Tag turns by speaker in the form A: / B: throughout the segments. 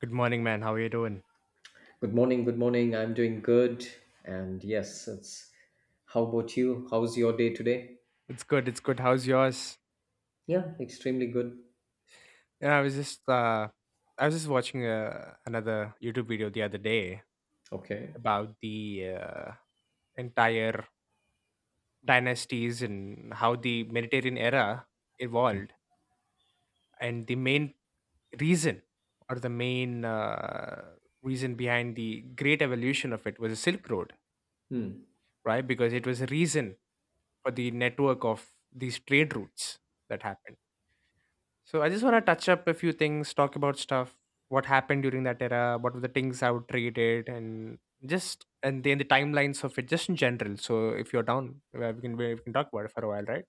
A: Good morning, man. How are you doing?
B: Good morning, good morning. I'm doing good. And yes, it's How about you? How's your day today?
A: It's good. It's good. How's yours?
B: Yeah, extremely good.
A: Yeah, I was just watching another YouTube video the other day
B: Okay.
A: about the entire dynasties and how the Mediterranean era evolved, and the main reason or the main reason behind the great evolution of it was the Silk Road,
B: Hmm.
A: right? Because it was a reason for the network of these trade routes that happened. So I just want to touch up a few things, talk about stuff, what happened during that era, what were the things I would trade it, and just and then the timelines of it, just in general. So if you're down, we can talk about it for a while, right?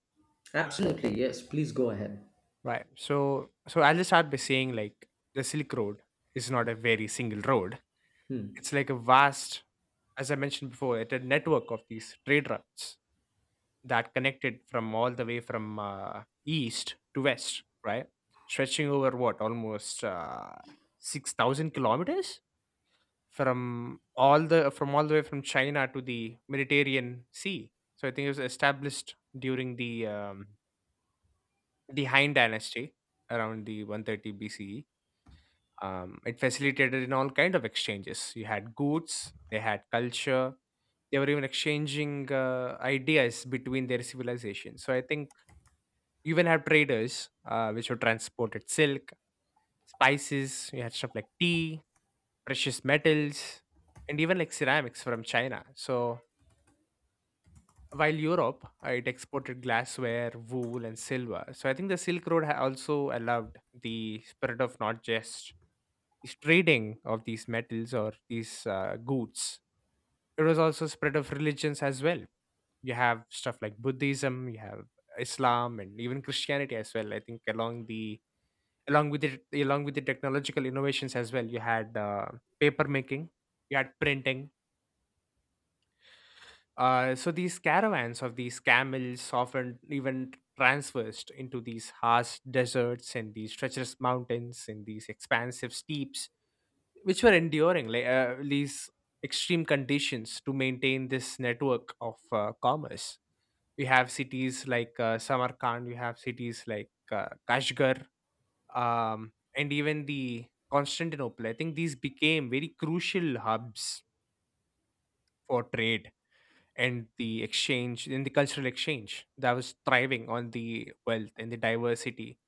B: Absolutely, yes. Please go ahead.
A: Right. So I'll just start by saying like the Silk Road is not a very single road.
B: Hmm.
A: It's like a vast, as I mentioned before, it's a network of these trade routes that connected from all the way from east to west, right? Stretching over what almost 6,000 kilometers from all the way from China to the Mediterranean Sea. So I think it was established during the Han Dynasty around the 130 BCE. It facilitated in all kind of exchanges. You had goods, they had culture, they were even exchanging ideas between their civilizations. So I think you even have traders, which were transported silk, spices, you had stuff like tea, precious metals, and even like ceramics from China. So while Europe, it exported glassware, wool, and silver. So I think the Silk Road also allowed the spread of not just this trading of these metals or these goods. It was also spread of religions as well. You have stuff like Buddhism, you have Islam, and even Christianity as well. I think along the along with it along with the technological innovations as well, you had paper making, you had printing, so these caravans of these camels often even transversed into these harsh deserts and these treacherous mountains and these expansive steeps, which were enduring like these extreme conditions to maintain this network of commerce. You have cities like samarkand, you have cities like kashgar, and even the Constantinople. I think these became very crucial hubs for trade and the exchange and the cultural exchange that was thriving on the wealth and the diversity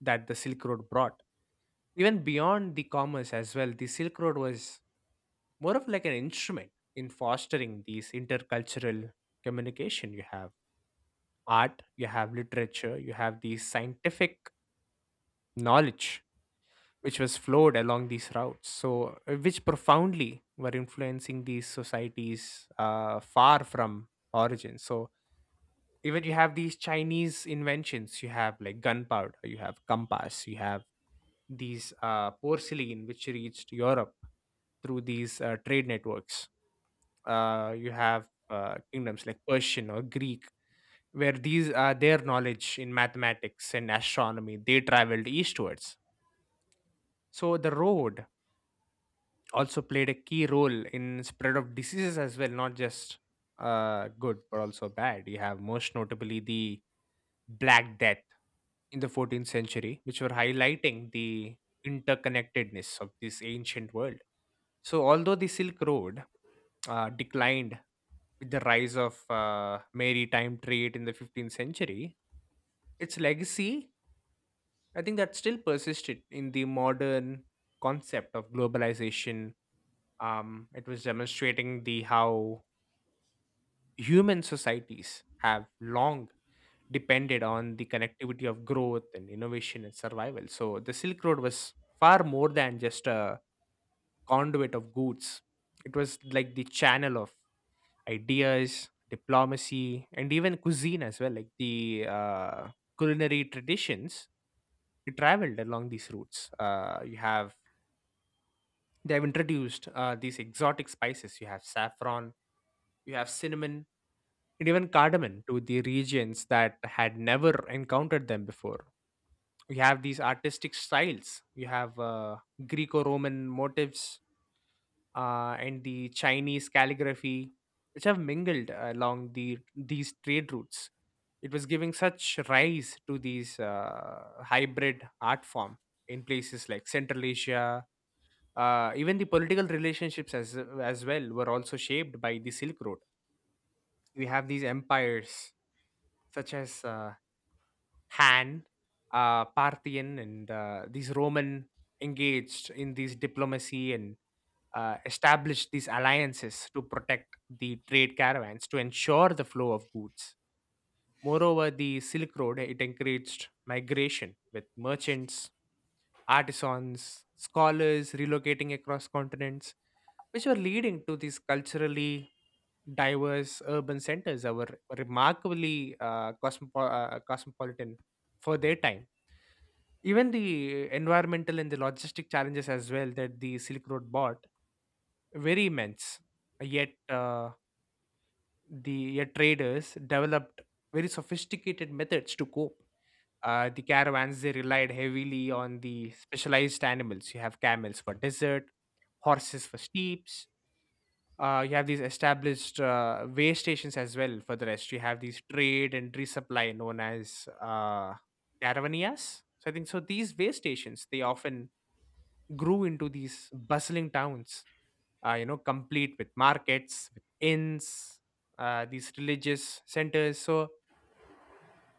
A: that the Silk Road brought. Even beyond the commerce as well, the Silk Road was more of like an instrument in fostering these intercultural communication. You have art, you have literature, you have the scientific knowledge which was flowed along these routes, so which profoundly were influencing these societies far from origin. So even you have these Chinese inventions, you have like gunpowder, you have compass, you have these porcelain which reached Europe through these trade networks. You have kingdoms like Persian or Greek, where these their knowledge in mathematics and astronomy, they traveled eastwards. So the road also played a key role in spread of diseases as well, not just good but also bad. You have most notably the black death in the 14th century, which were highlighting the interconnectedness of this ancient world. So although the silk road declined with the rise of maritime trade in the 15th century, its legacy, I think that still persisted in the modern concept of globalization. It was demonstrating the how human societies have long depended on the connectivity of growth and innovation and survival. So the silk road was far more than just a conduit of goods. It was like the channel of ideas, diplomacy, and even cuisine as well, like the culinary traditions. It traveled along these routes. You have, they have introduced these exotic spices. You have saffron, you have cinnamon, and even cardamom to the regions that had never encountered them before. You have these artistic styles, you have Greco Roman motifs, and the Chinese calligraphy, which have mingled along these trade routes. It was giving such rise to these hybrid art form in places like Central Asia. Even the political relationships as well were also shaped by the Silk Road. We have these empires such as Han, Parthian, and these Roman engaged in these diplomacy and established these alliances to protect the trade caravans to ensure the flow of goods. Moreover, the Silk Road, it encouraged migration with merchants, artisans, scholars relocating across continents, which were leading to these culturally diverse urban centers that were remarkably cosmopolitan for their time. Even the environmental and the logistic challenges as well that the Silk Road brought very immense. Yet uh, yet traders developed very sophisticated methods to cope. The caravans, they relied heavily on the specialized animals. You have camels for desert, horses for steeps, you have these established way stations as well for the rest. You have these trade and resupply known as caravanias. So I think so. These way stations, they often grew into these bustling towns, you know, complete with markets, with inns, these religious centers. So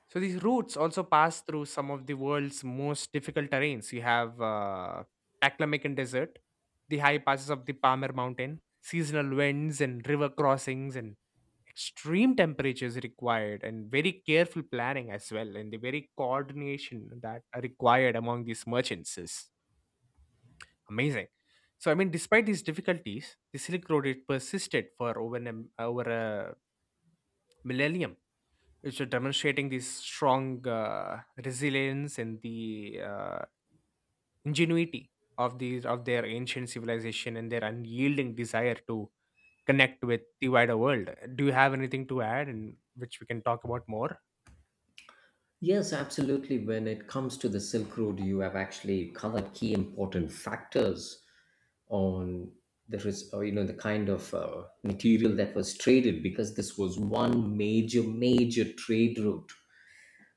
A: so these routes also pass through some of the world's most difficult terrains. You have Taklamakan Desert, the high passes of the Palmer Mountain, seasonal winds and river crossings and extreme temperatures required, and very careful planning as well, and the very coordination that are required among these merchants is amazing. So I mean, despite these difficulties, the Silk Road, it persisted for over a millennium, which are demonstrating this strong resilience and the ingenuity of these of their ancient civilization and their unyielding desire to connect with the wider world. Do you have anything to add, and which we can talk about more?
B: Yes, absolutely. When it comes to the Silk Road, you have actually covered key important factors on you know, the kind of material that was traded, because this was one major trade route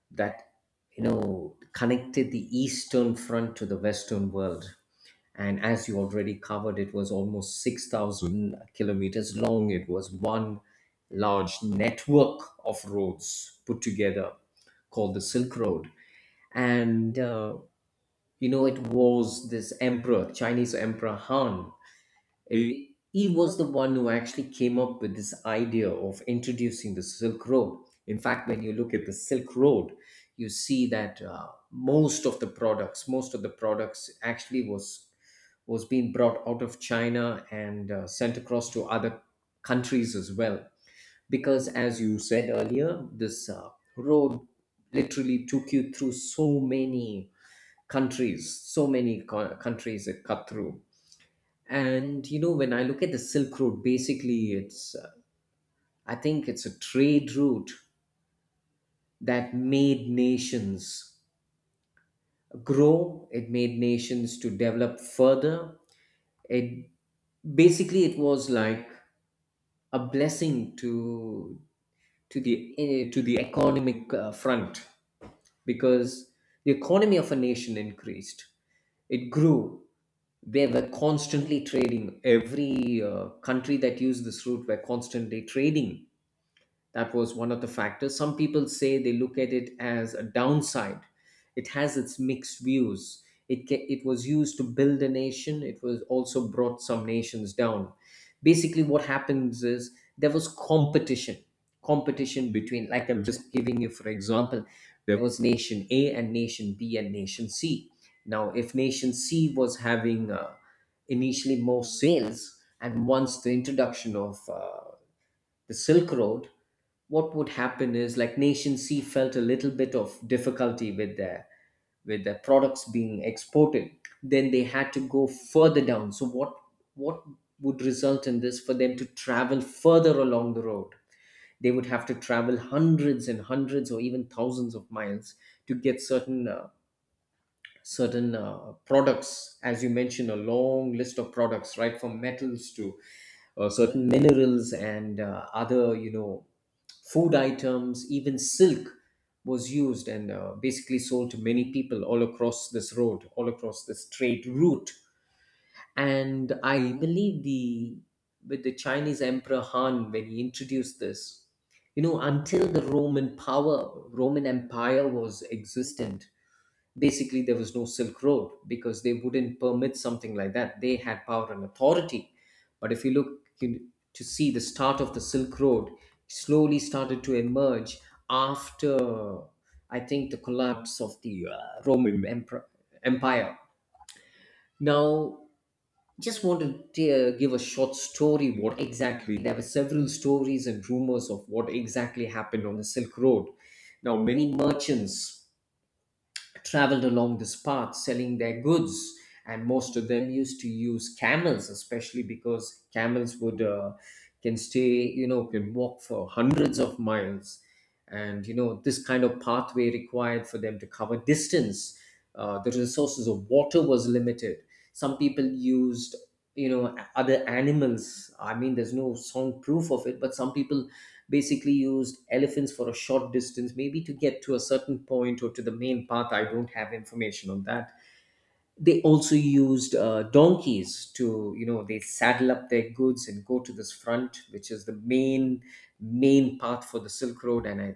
B: that, you know, connected the eastern front to the western world. And as you already covered, it was almost 6,000 kilometers long. It was one large network of roads put together called the Silk Road. And you know, it was this emperor, Chinese emperor Han, uh, he was the one who actually came up with this idea of introducing the Silk Road. In fact, when you look at the Silk Road, you see that most of the products actually was being brought out of China and sent across to other countries as well. Because as you said earlier, this road literally took you through so many countries, so many countries it cut through. And you know, when I look at the Silk Road, basically, it's I think it's a trade route that made nations grow. It made nations to develop further. It basically, it was like a blessing to to the economic front, because the economy of a nation increased. It grew. They were constantly trading. Every country that used this route were constantly trading. That was one of the factors. Some people say they look at it as a downside. It has its mixed views. It was used to build a nation, it was also brought some nations down. Basically, what happens is there was competition. Competition between, like, I'm just giving you for example, there was nation A and nation B and nation C. Now, if nation C was having initially more sales, and once the introduction of the Silk Road, what would happen is, like, nation C felt a little bit of difficulty with their products being exported. Then they had to go further down. So what would result in this for them to travel further along the road? They would have to travel hundreds and hundreds or even thousands of miles to get certain certain products, as you mentioned, a long list of products, right, from metals to certain minerals and other, you know, food items, even silk, was used and basically sold to many people all across this road, all across this trade route. And I believe the, with the Chinese emperor Han, when he introduced this, you know, until the Roman power, Roman Empire was existent, basically there was no Silk Road, because they wouldn't permit something like that. They had power and authority. But if you look in- to see, the start of the Silk Road slowly started to emerge after, I think, the collapse of the Roman Empire. Now, just want to give a short story. What exactly, there were several stories and rumors of what exactly happened on the Silk Road. Now, many merchants traveled along this path selling their goods. And most of them used to use camels, especially because camels would, can stay, you know, can walk for hundreds of miles. And you know, this kind of pathway required for them to cover distance. The resources of water was limited. Some people used, you know, other animals. I mean, there's no sound proof of it, but some people basically used elephants for a short distance, maybe to get to a certain point or to the main path. I don't have information on that. They also used donkeys to, you know, they saddle up their goods and go to this front, which is the main path for the Silk Road, and I,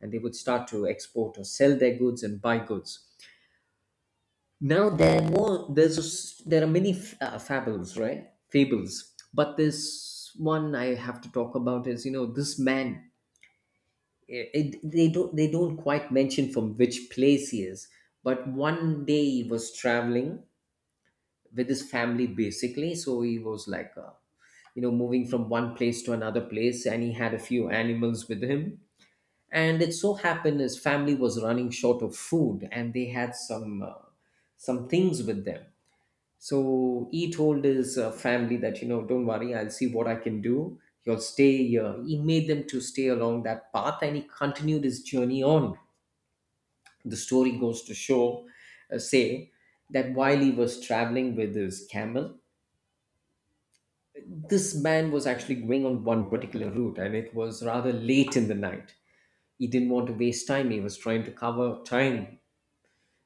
B: and they would start to export or sell their goods and buy goods. Now there are more. There's a s There are many fables, right? Fables, but this one I have to talk about is, you know, this man. It, they don't quite mention from which place he is, but one day he was traveling with his family. Basically, so he was like, you know, moving from one place to another place, and he had a few animals with him. And it so happened his family was running short of food, and they had some things with them. So he told his family that, you know, don't worry, I'll see what I can do. You'll stay here. He made them to stay along that path and he continued his journey on. The story goes to show, say, that while he was traveling with his camel, this man was actually going on one particular route and it was rather late in the night. He didn't want to waste time. He was trying to cover time,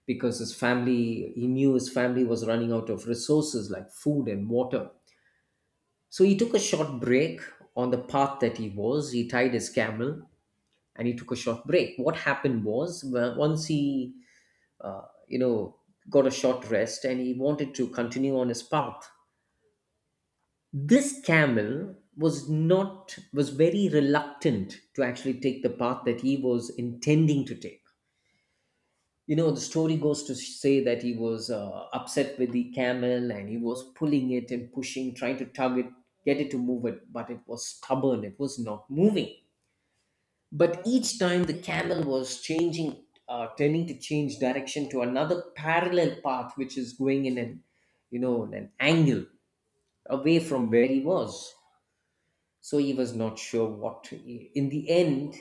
B: because his family, he knew his family was running out of resources like food and water. So he took a short break on the path that he was. He tied his camel and he took a short break. What happened was, well, once he, you know, got a short rest and he wanted to continue on his path, this camel was not was very reluctant to actually take the path that he was intending to take. You know, the story goes to say that he was upset with the camel and he was pulling it and pushing, trying to tug it, get it to move it, but it was stubborn. It was not moving, but each time the camel was changing, tending to change direction to another parallel path which is going in an, you know, in an angle away from where he was. So he was not sure what to, in the end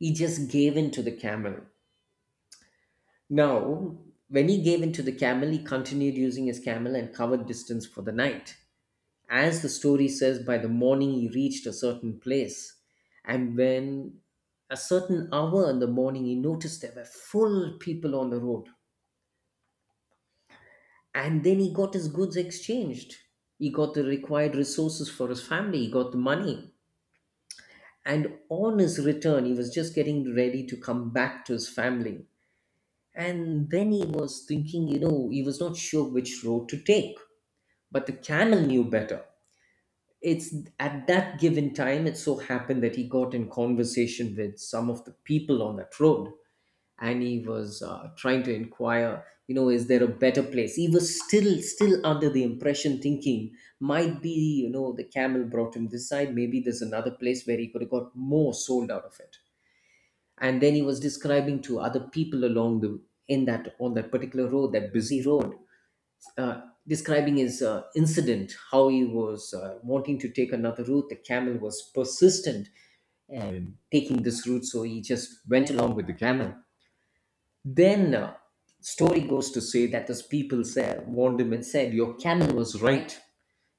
B: he just gave in to the camel. Now, when he gave in to the camel, he continued using his camel and covered distance for the night. As the story says, by the morning he reached a certain place, and when a certain hour in the morning, he noticed there were full people on the road. And then he got his goods exchanged. He got the required resources for his family, he got the money. And on his return, he was just getting ready to come back to his family. And then he was thinking, you know, he was not sure which road to take. But the camel knew better. It's at that given time, it so happened that he got in conversation with some of the people on that road and he was trying to inquire, you know, is there a better place? He was still under the impression thinking, might be, you know, the camel brought him this side, maybe there's another place where he could have got more sold out of it. And then he was describing to other people along the, on that particular road, that busy road, uh, describing his incident, how he was wanting to take another route. The camel was persistent and taking this route, so he just went along with the camel. Then story goes to say that those people said, warned him and said, "Your camel was right.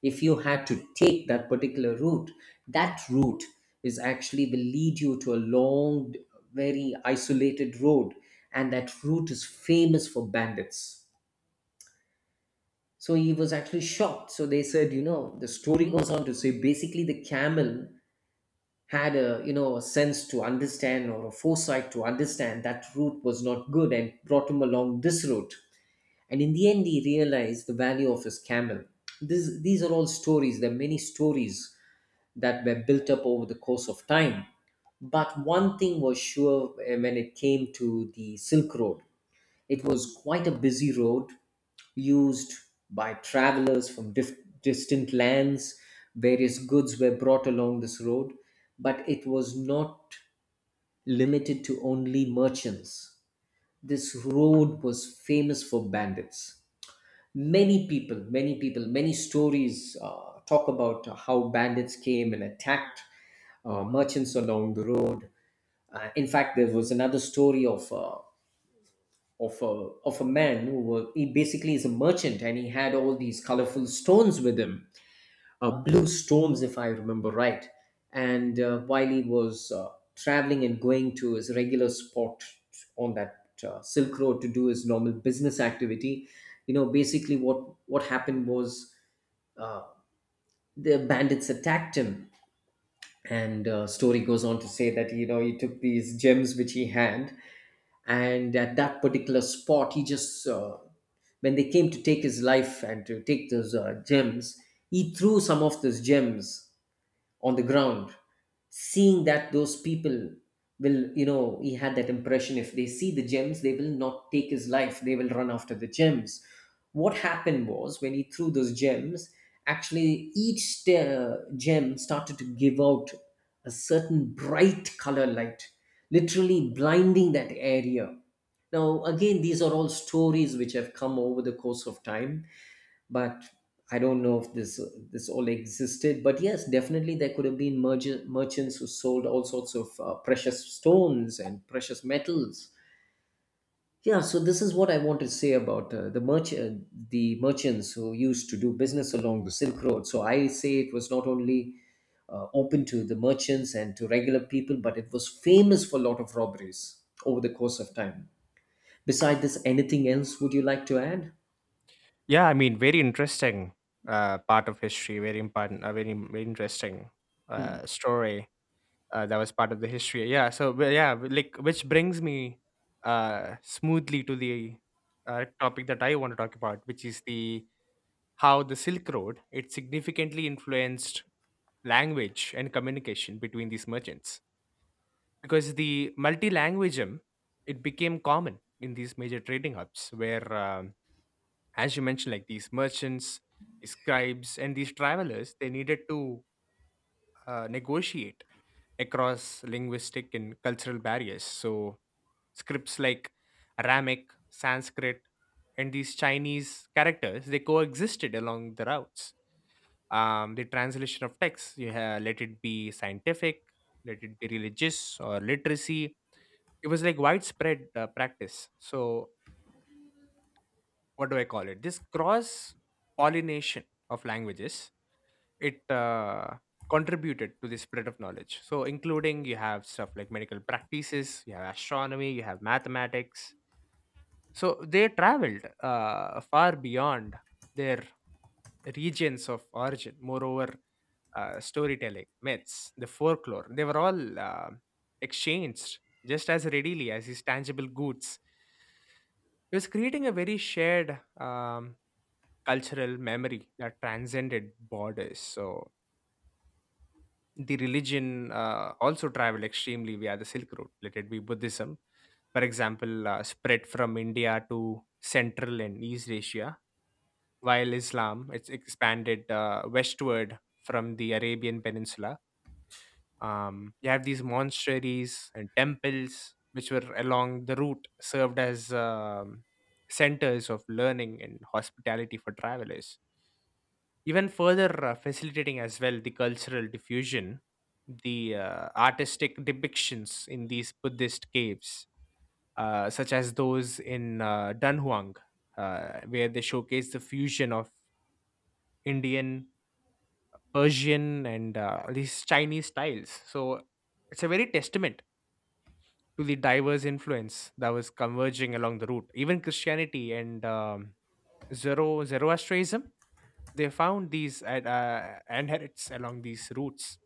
B: If you had to take that particular route, that route is actually will lead you to a long, very isolated road, and that route is famous for bandits." So he was actually shocked. So they said, you know, the story goes on to say, basically, the camel had a, you know, a sense to understand or a foresight to understand that route was not good and brought him along this route. And in the end, he realized the value of his camel. This, these are all stories. There are many stories that were built up over the course of time. But one thing was sure, when it came to the Silk Road. It was quite a busy road used by travelers from distant lands. Various goods were brought along this road, but it was not limited to only merchants. This road was famous for bandits. Many people, many stories talk about how bandits came and attacked merchants along the road. In fact, there was another story of of a man who were, he basically is a merchant and he had all these colorful stones with him, blue stones if I remember right. And while he was traveling and going to his regular spot on that Silk Road to do his normal business activity, you know, basically what happened was, uh, the bandits attacked him. And story goes on to say that, you know, he took these gems which he had, and at that particular spot he just when they came to take his life and to take those gems, he threw some of those gems on the ground, seeing that those people will, you know, he had that impression if they see the gems they will not take his life, they will run after the gems. What happened was when he threw those gems, actually each gem started to give out a certain bright color light, literally blinding that area. Now again, these are all stories which have come over the course of time, but I don't know if this all existed. But yes, definitely there could have been merchants who sold all sorts of precious stones and precious metals. Yeah, so this is what I want to say about the merchants who used to do business along the Silk Road. So I say it was not only open to the merchants and to regular people, but it was famous for a lot of robberies over the course of time. Besides this, anything else would you like to add?
A: Yeah, I mean, very interesting part of history. Very important. A very very interesting story that was part of the history. Yeah. So well, yeah, like, which brings me smoothly to the topic that I want to talk about, which is the how the Silk Road, it significantly influenced language and communication between these merchants, because the multilingualism, it became common in these major trading hubs where, as you mentioned, like these merchants, scribes, and these travelers, they needed to negotiate across linguistic and cultural barriers. So scripts like aramic, sanskrit, and these chinese characters, they coexisted along the routes. The translation of text, you have, let it be scientific, let it be religious or literacy, it was like widespread practice. So what do I call it, this cross pollination of languages, it contributed to the spread of knowledge, so including you have stuff like medical practices, you have astronomy, you have mathematics. So they traveled far beyond their regions of origin. Moreover, storytelling, myths, the folklore, they were all exchanged just as readily as these tangible goods. It was creating a very shared cultural memory that transcended borders. So the religion also traveled extremely via the Silk Road, let it be Buddhism, for example, spread from India to Central and East Asia, while Islam, it's expanded westward from the Arabian Peninsula. You have these monasteries and temples which were along the route served as centers of learning and hospitality for travelers. Even further facilitating as well the cultural diffusion, the artistic depictions in these Buddhist caves, such as those in Dunhuang, where they showcase the fusion of Indian, Persian, and these Chinese styles. So it's a very testament to the diverse influence that was converging along the route. Even Christianity and Zoroastrianism, they found these adherents along these routes.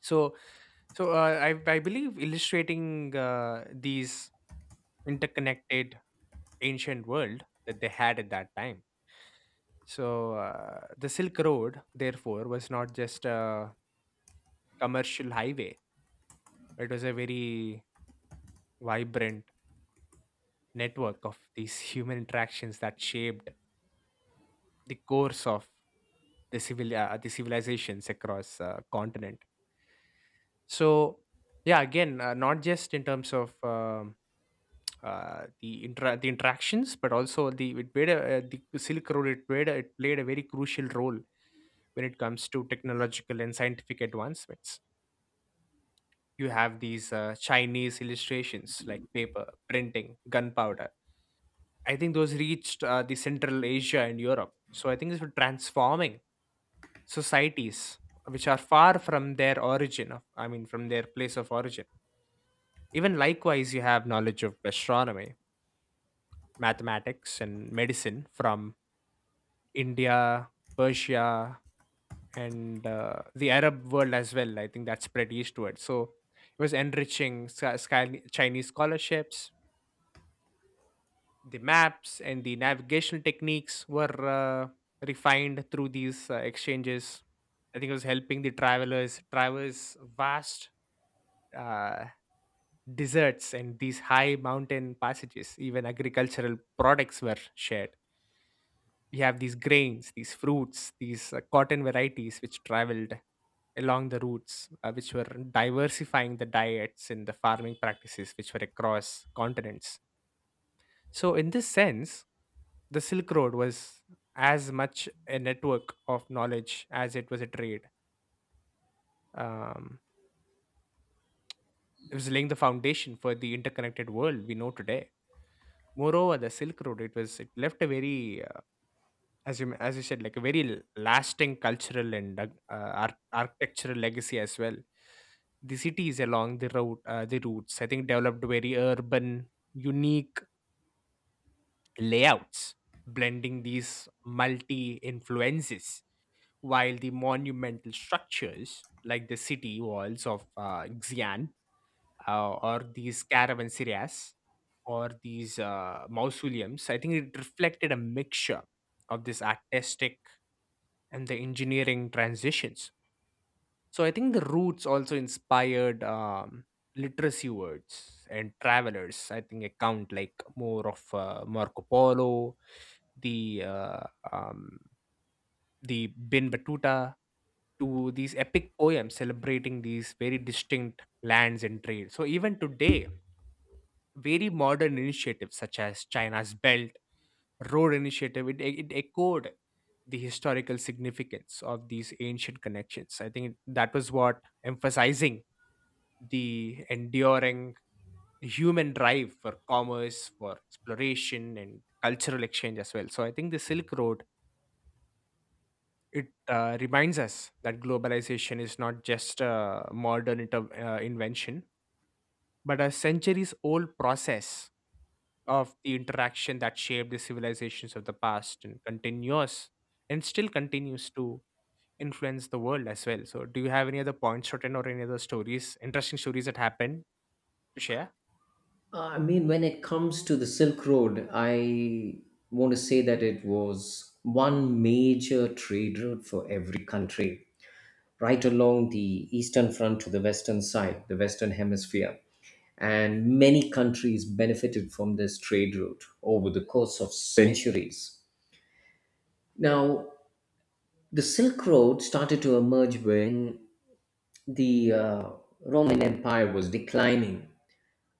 A: So, so, I believe illustrating these interconnected ancient world that they had at that time. So the Silk Road, therefore, was not just a commercial highway. It was a very vibrant network of these human interactions that shaped the course of the civilizations across continent. So yeah, again, not just in terms of the interactions, but also the Silk Road it played a very crucial role when it comes to technological and scientific advancements. You have these Chinese illustrations like paper, printing, gunpowder. I think those reached the Central Asia and Europe. So I think this was transforming societies which are far from their origin of, I mean, from their place of origin. Even likewise, you have knowledge of astronomy, mathematics, and medicine from India, Persia, and the Arab world as well. I think that spread eastward. So it was enriching Chinese scholarships, the maps and the navigational techniques were refined through these exchanges. I think it was helping the travelers traverse vast uh, deserts and these high mountain passages. Even agricultural products were shared. We have these grains, these fruits, these cotton varieties which traveled along the routes, which were diversifying the diets and the farming practices, which were across continents. So, in this sense, the Silk Road was as much a network of knowledge as it was a trade. Um, it was laying the foundation for the interconnected world we know today. Moreover, the Silk Road, it left a very, as you said, like a very lasting cultural and architectural legacy as well. The cities along the routes, I think, developed very urban, unique layouts, blending these multi influences, while the monumental structures like the city walls of Xi'an or these caravanserais or these mausoleums, I think it reflected a mixture of this artistic and the engineering transitions. So I think the roots also inspired literacy words and travelers. I think account like more of Marco Polo, the uh, um, the Bin Batuta, to these epic poems celebrating these very distinct lands and trade. So even today, very modern initiatives such as China's Belt Road Initiative, it echoed the historical significance of these ancient connections. I think that was what emphasizing the enduring human drive for commerce, for exploration, and cultural exchange as well. So I think the Silk Road, it reminds us that globalization is not just a modern invention, but a centuries old process of the interaction that shaped the civilizations of the past and continues and still continues to influence the world as well. So, do you have any other points written or any other stories, interesting stories that happen to share?
B: I mean, when it comes to the Silk Road, I want to say that it was one major trade route for every country, right along the eastern front to the western side, the western hemisphere. And many countries benefited from this trade route over the course of centuries. Now, the Silk Road started to emerge when the Roman Empire was declining.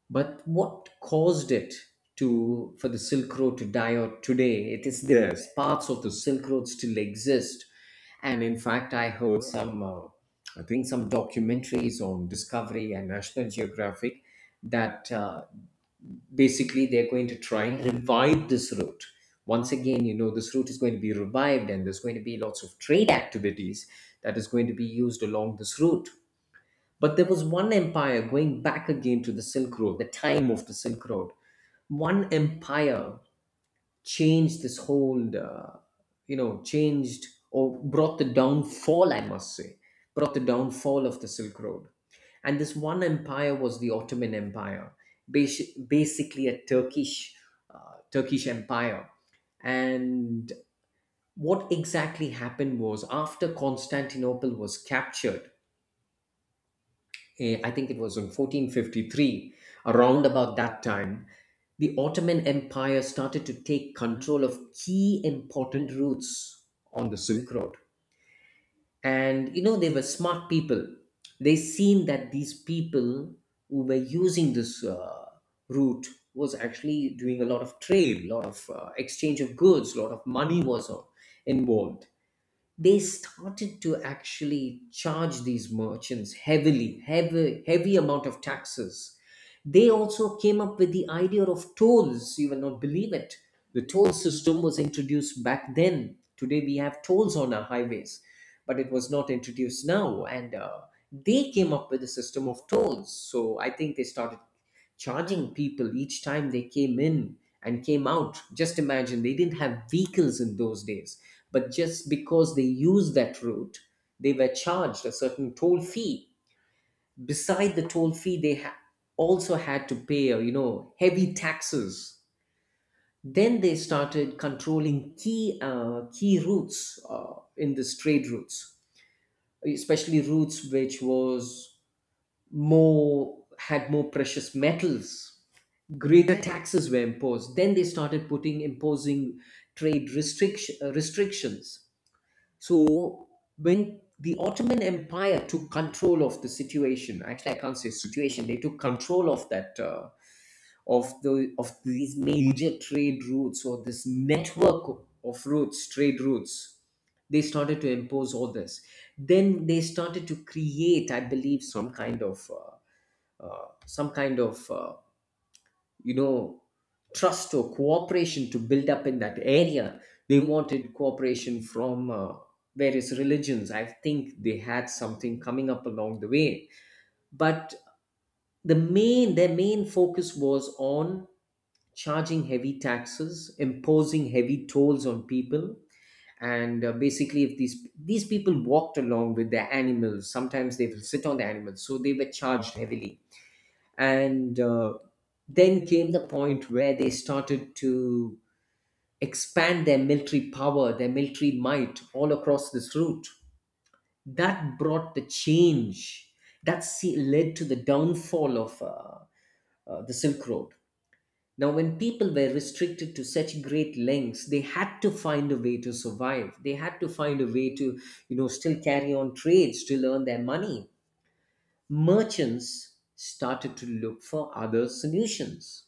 B: But what caused it to, for the Silk Road to die out today? It is there. Yes, parts of the Silk Road still exist, and in fact, I heard some I think some documentaries on Discovery and National Geographic that basically they're going to try and revive this route. Once again, you know, this route is going to be revived, and there's going to be lots of trade activities that is going to be used along this route. But there was one empire, going back again to the Silk Road, the time of the Silk Road. One empire changed this whole, you know, changed or brought the downfall, I must say, brought the downfall of the Silk Road. And this one empire was the Ottoman Empire, basically a Turkish, Turkish empire. And what exactly happened was after Constantinople was captured, eh, I think it was in 1453, around about that time, the Ottoman Empire started to take control of key important routes on the Silk Road. And you know, they were smart people. They seen that these people who were using this route was actually doing a lot of trade, a lot of exchange of goods, a lot of money was involved. They started to actually charge these merchants heavily, heavy, heavy amount of taxes. They also came up with the idea of tolls. You will not believe it. The toll system was introduced back then. Today we have tolls on our highways, but it was not introduced now. And they came up with a system of tolls. So I think they started charging people each time they came in and came out. Just imagine, they didn't have vehicles in those days, but just because they used that route, they were charged a certain toll fee. Beside the toll fee, they also had to pay, you know, heavy taxes. Then they started controlling key routes in this trade routes, especially routes which was more, had more precious metals, greater taxes were imposed. Then they started putting, imposing trade restrictions. So when the Ottoman Empire took control of the situation, actually I can't say situation, they took control of that of these major trade routes or this network of routes, trade routes, they started to impose all this. Then they started to create, I believe, some kind of some kind of, you know, trust or cooperation to build up in that area. They wanted cooperation from various religions. I think they had something coming up along the way, but the main, their main focus was on charging heavy taxes, imposing heavy tolls on people. And basically if these people walked along with their animals, sometimes they will sit on the animals, so they were charged heavily. And then came the point where they started to expand their military power, their military might all across this route. That brought the change. Led to the downfall of the Silk Road. Now, when people were restricted to such great lengths, they had to find a way to survive. They had to find a way to, you know, still carry on trade, still earn their money. Merchants started to look for other solutions.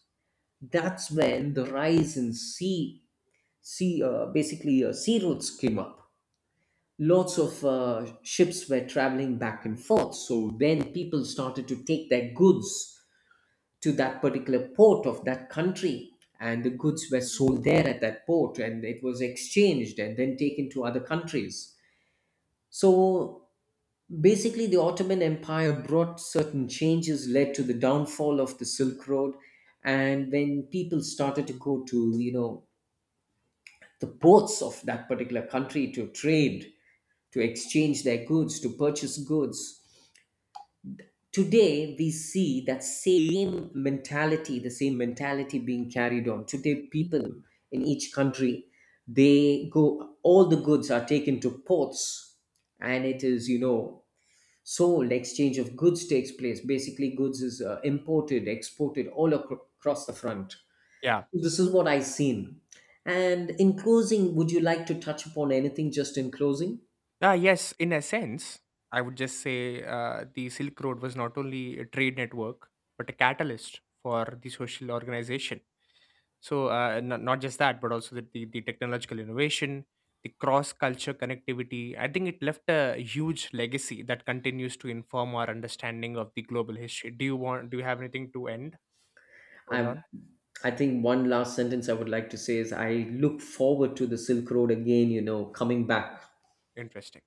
B: That's when the rise in sea, basically sea routes came up. Lots of ships were traveling back and forth. So then people started to take their goods to that particular port of that country, and the goods were sold there at that port, and it was exchanged and then taken to other countries. So basically, the Ottoman Empire brought certain changes, led to the downfall of the Silk Road, and when people started to go to, you know, the ports of that particular country to trade, to exchange their goods, to purchase goods. Today, we see that same mentality, the same mentality being carried on. Today, people in each country, they go, all the goods are taken to ports and it is, you know, sold, exchange of goods takes place. Basically, goods is imported, exported all across the front.
A: Yeah.
B: This is what I've seen. And in closing, would you like to touch upon anything just in closing?
A: Ah, yes, in a sense, I would just say the Silk Road was not only a trade network, but a catalyst for the social organization. So, not just that, but also the technological innovation, the cross culture connectivity. I think it left a huge legacy that continues to inform our understanding of the global history. Do you want? Do you have anything to end
B: I
A: on?
B: I think one last sentence I would like to say is I look forward to the Silk Road again, you know, coming back.
A: Interesting.